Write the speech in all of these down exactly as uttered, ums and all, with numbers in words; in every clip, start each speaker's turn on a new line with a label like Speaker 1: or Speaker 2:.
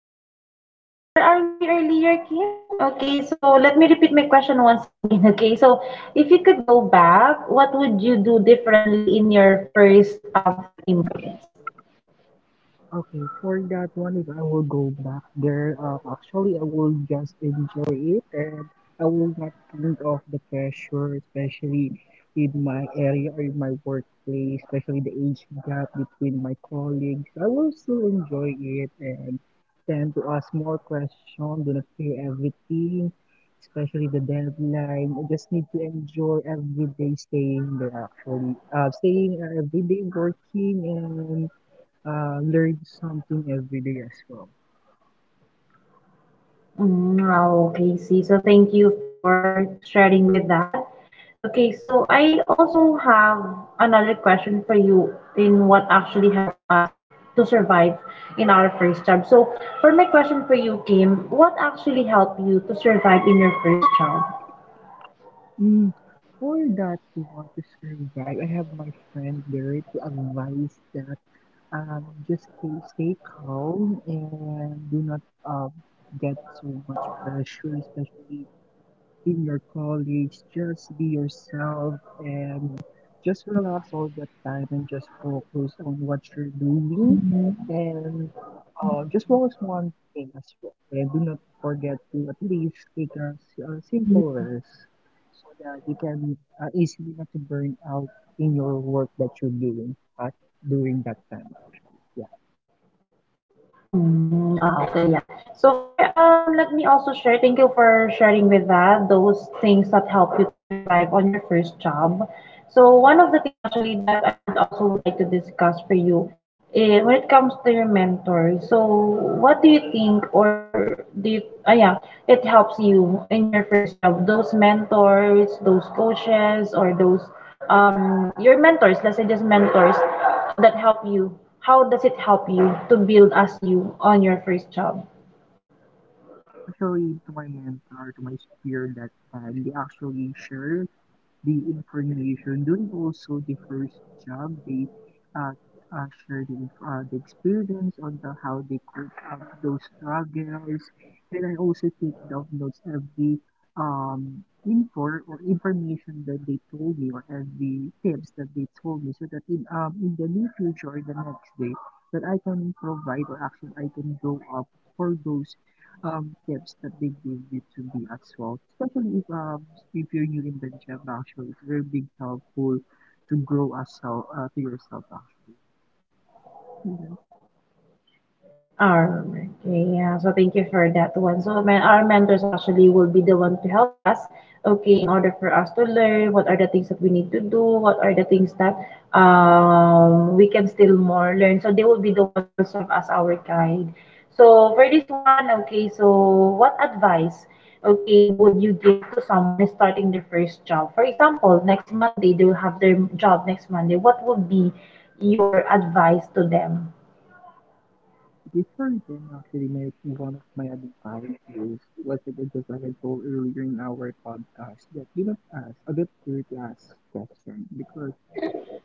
Speaker 1: so um, where are we earlier, Kim? Okay, so let me repeat my question once again. Okay, so if you could go back, what would you do differently in your first um, three months?
Speaker 2: Okay, for that one, if I will go back there, uh, actually, I will just enjoy it, and I will not think of the pressure, especially in my area or in my workplace, especially the age gap between my colleagues. I will still enjoy it and tend to ask more questions, do not fear everything, especially the deadline. I just need to enjoy every day staying there, actually. Uh, staying uh, every day working, and uh, learn something every day as well.
Speaker 1: Mm, oh, okay, see. So thank you for sharing with that. Okay, so I also have another question for you in what actually helped us to survive in our first job. So for my question for you, Kim, what actually helped you to survive in your first job?
Speaker 2: Mm, for that, to want to survive, I have my friend there to advise that. Um, just keep, stay calm, and do not um, get so much pressure, especially in your college. Just be yourself, and just relax all the time and just focus on what you're doing,
Speaker 1: Mhm.
Speaker 2: and uh, just focus one thing as well. And do not forget to at least take a, s- a simple rest so that you can uh, easily not to burn out in your work that you're doing, right? During that time actually. Yeah.
Speaker 1: Mm, ah, okay, yeah. So for um, let me also share. Thank you for sharing with that those things that help you to survive on your first job. So one of the thing actually that I would also would like to discuss for you, eh, when it comes to your mentor. So what do you think, or do you, ah, yeah, it helps you in your first job? Those mentors, those coaches, or those um, your mentors, let's say just mentors that help you, how does it help you to build as you on your first job?
Speaker 2: Actually, to my mentor, to my peer, that time, they actually share the information during also the first job. They uh, uh, share the, inf- uh, the experience on the how they cope up those struggles, and I also take down notes every um info or information that they told me, or every tips that they told me, so that in um in the near future or the next day that I can provide, or actually I can go up for those um, tips that they give you to be as well, especially if um if you're new in the gym actually, it's very big helpful to grow as well, uh, to yourself actually. Mhm.
Speaker 1: Alright, okay, yeah. So thank you for that one. So men- our mentors actually will be the one to help us, okay, in order for us to learn what are the things that we need to do, what are the things that um we can still more learn. So they will be the one will serve as our guide. So for this one, okay, so what advice, okay, would you give to someone starting their first job? For example, next Monday they will have their job next Monday. What would be your advice to them?
Speaker 2: Before then, actually, my one of my advice is, was like, just like I told earlier in our podcast, that do not ask, do not fear to ask questions, because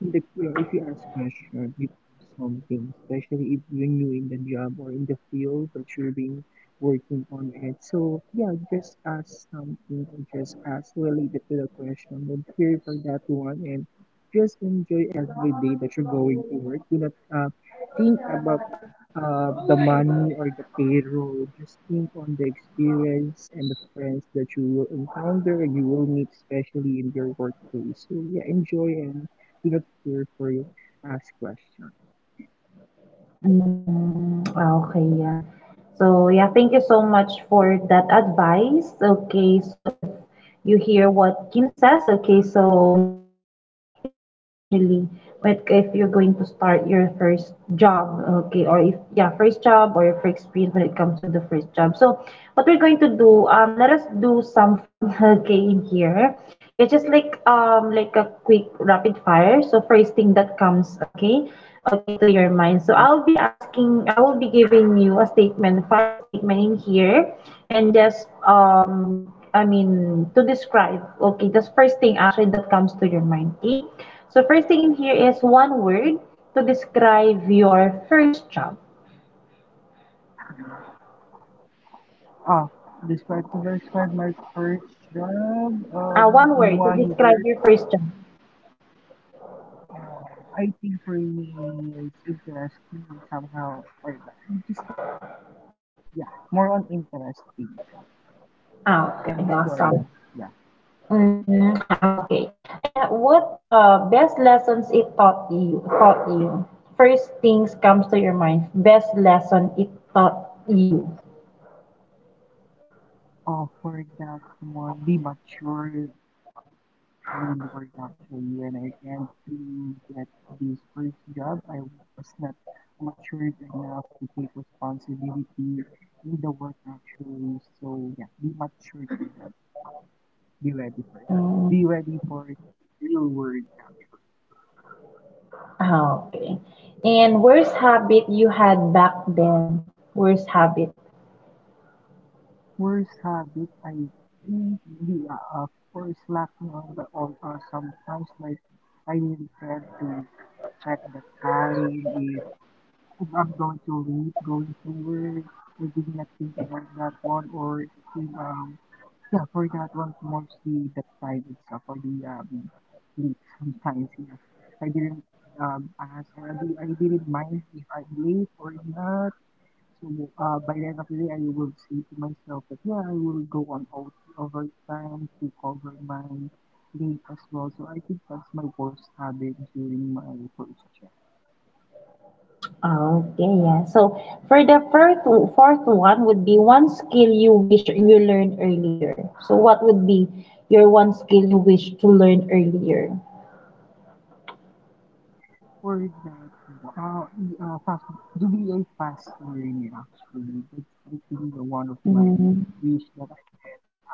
Speaker 2: in the, you know, if you ask question, you know something, especially if when you're new in the job or in the field that you're being working on it. So yeah, just ask something, or just ask related to the question. Don't fear for that one, and just enjoy every day that you're going to work. Do not uh, think about uh, the money or the payroll. Just think on the experience and the friends that you will encounter and you will meet, especially in your workplace. So yeah, enjoy and not here for you. To ask question.
Speaker 1: Mm, ah, okay, yeah. So, yeah, thank you so much for that advice. Okay, so if you hear what Kim says, okay, so yeah, it will gonna help you actually with if you're going to start your first job, okay, or if yeah, first job or your first experience when it comes to the first job. So, what we're going to do, um, let us do some fun, okay, in here. It's just like um like a quick rapid fire. So, first thing that comes, okay okay to your mind, so I'll be asking, I will be giving you a statement, five statement in here, and just um I mean, to describe, okay, the first thing actually that comes to your mind, okay. So first thing in here is one word to describe your first job.
Speaker 2: Ah, Describe, to describe my first job.
Speaker 1: Uh
Speaker 2: Um,
Speaker 1: one
Speaker 2: in
Speaker 1: word to
Speaker 2: one
Speaker 1: describe
Speaker 2: word.
Speaker 1: your first job.
Speaker 2: Uh, I think for me is interesting somehow. Or just one word. Yeah, more on interesting
Speaker 1: Ah, okay,
Speaker 2: and
Speaker 1: awesome.
Speaker 2: exploring. Yeah.
Speaker 1: Mm, ah, okay. And what uh best lessons it taught you taught you? First things comes to your mind. Best lesson it taught you.
Speaker 2: Oh, for that one, be mature in the real world actually. When I went to get this first job, I was not matured enough to take responsibility in the work actually. So yeah, be mature for that. Be ready for that.
Speaker 1: Mm,
Speaker 2: Be ready for real world.
Speaker 1: ah, okay. And worst habit you had back then? Worst habit.
Speaker 2: First habit, I think the uh, uh, first lack on the, or uh, sometimes like I will tend to check the time if I'm going to leave going forward, I did not think about that one, or I think um yeah, for that one mostly the time itself for the um leave sometimes yeah. I didn't um ask, or I, di- I didn't mind if I'm late or not. So uh by the end of the day I will say to myself that yeah, I will go on out overtime to cover my late as well. So I think that's my worst habit during my first job.
Speaker 1: Ah, okay, yeah. So for the fourth, fourth one would be one skill you wish you learned earlier. So what would be your one skill you wish to learn earlier?
Speaker 2: For that uh, e- uh, fast, doing a fast learning actually, that's I think the one of my
Speaker 1: Mm-hmm.
Speaker 2: wish that I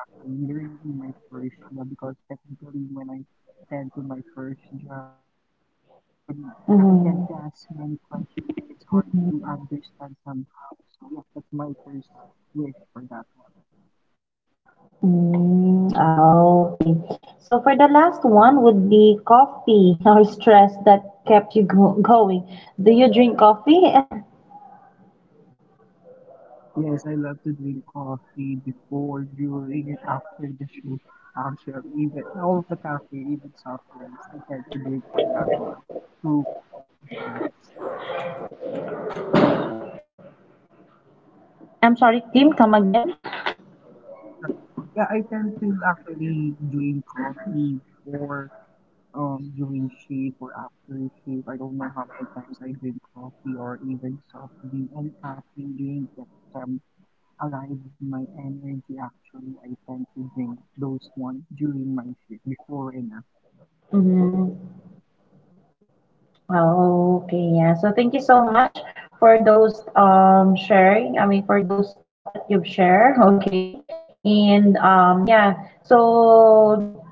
Speaker 2: can learn in my first job, because technically when I tend to my first job, I, I tend to ask
Speaker 1: Mm-hmm.
Speaker 2: many questions and it's hard to
Speaker 1: Mm-hmm.
Speaker 2: understand somehow. So yeah, that's my first wish for that.
Speaker 1: Mm, oh, okay. So for the last one would be coffee or stress that kept you go going. Do you drink coffee?
Speaker 2: Yes, I love to drink coffee before, during, and after the shift. Actually, even all of the cafe, even soft drinks, I tend to drink for that one. To Christmas.
Speaker 1: I'm sorry, Kim, come again.
Speaker 2: Yeah, I tend to actually drink coffee before, um, during shift or after shift. I don't know how many times I drink coffee or even soft drink and caffeine drink that um alive with my energy. Actually, I tend to drink those one during my shift before and after.
Speaker 1: Mm, okay, yeah. So thank you so much for those um sharing. I mean, for those thoughts that you've shared. Okay, and um yeah. So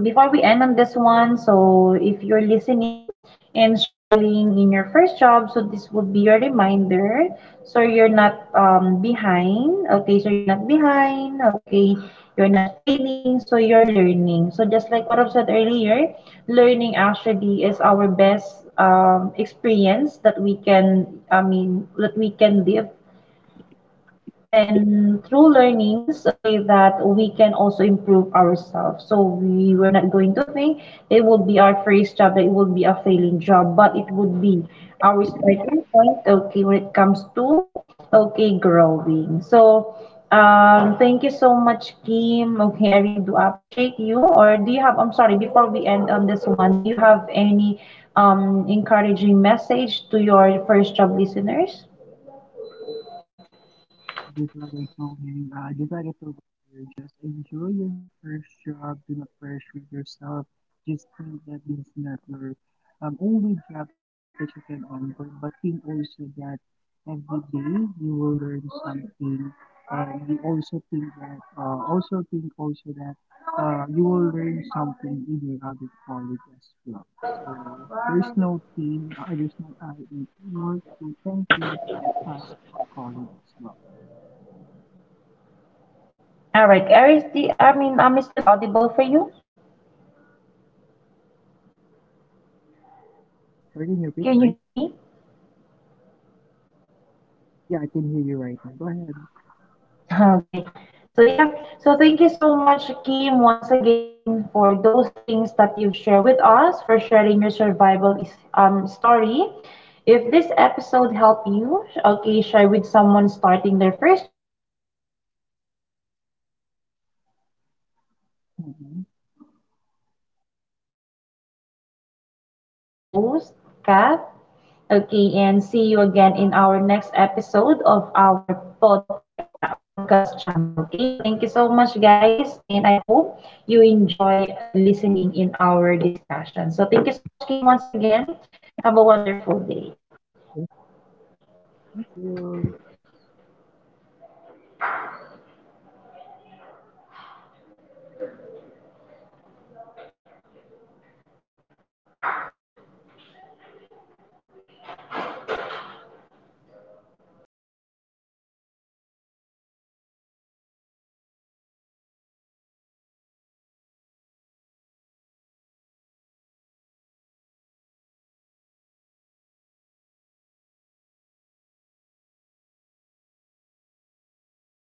Speaker 1: before we end on this one, so if you're listening and struggling in your first job, so this would be your reminder. So you're not um, behind. Okay, so you're not behind. Okay, you're not failing. So you're learning. So just like what I've said earlier, learning actually is our best um, experience that we can, I mean, that we can live and through learnings, okay, that we can also improve ourselves, so we were not going to think it would be our first job that it would be a failing job, but it would be our starting point, okay, when it comes to okay growing. So um thank you so much, Kim. Okay, I really do appreciate you. Or do you have, I'm sorry, before we end on this one, do you have any um encouraging message to your first job listeners?
Speaker 2: Just like I told him, uh, just like I told you, just enjoy your first job. Do not pressure yourself. Just think that this is not your
Speaker 1: Do you have
Speaker 2: um,
Speaker 1: like
Speaker 2: only job that you
Speaker 1: any
Speaker 2: can
Speaker 1: um
Speaker 2: offer, but think
Speaker 1: messages,
Speaker 2: also
Speaker 1: encouraging
Speaker 2: that
Speaker 1: messages to your
Speaker 2: every
Speaker 1: first job
Speaker 2: day you will
Speaker 1: listeners?
Speaker 2: learn something, and you also think that uh, also think also that uh, you will learn something in your other college as well. So there's no team, uh, there's no I in teamwork. So thank you that ask for your college as well.
Speaker 1: All right, Aries, the, I mean, I'm still audible for you.
Speaker 2: I can hear good, sorry.
Speaker 1: Can you hear me?
Speaker 2: Yeah, I can hear you right now. Go ahead.
Speaker 1: Okay. So yeah, so thank you so much, Kim, once again for those things that you've shared with us, for sharing your survival is um story. If this episode helped you, okay, share with someone starting their first job, it might save uh, save them actually, okay,
Speaker 2: Mhm.
Speaker 1: a few sleep um sleepless nights, okay. So once again, this is your host, Kath. Okay, and see you again in our next episode of our podca- podcast channel. Okay, so thank you so much, guys, and I hope you enjoy uh, listening in our discussion. So thank you so much, Kim, once again. Have a wonderful day.
Speaker 2: Thank you.
Speaker 1: Lagi ka? O, nag Ikaw ba, Mio? O, nag-reconnecting ka.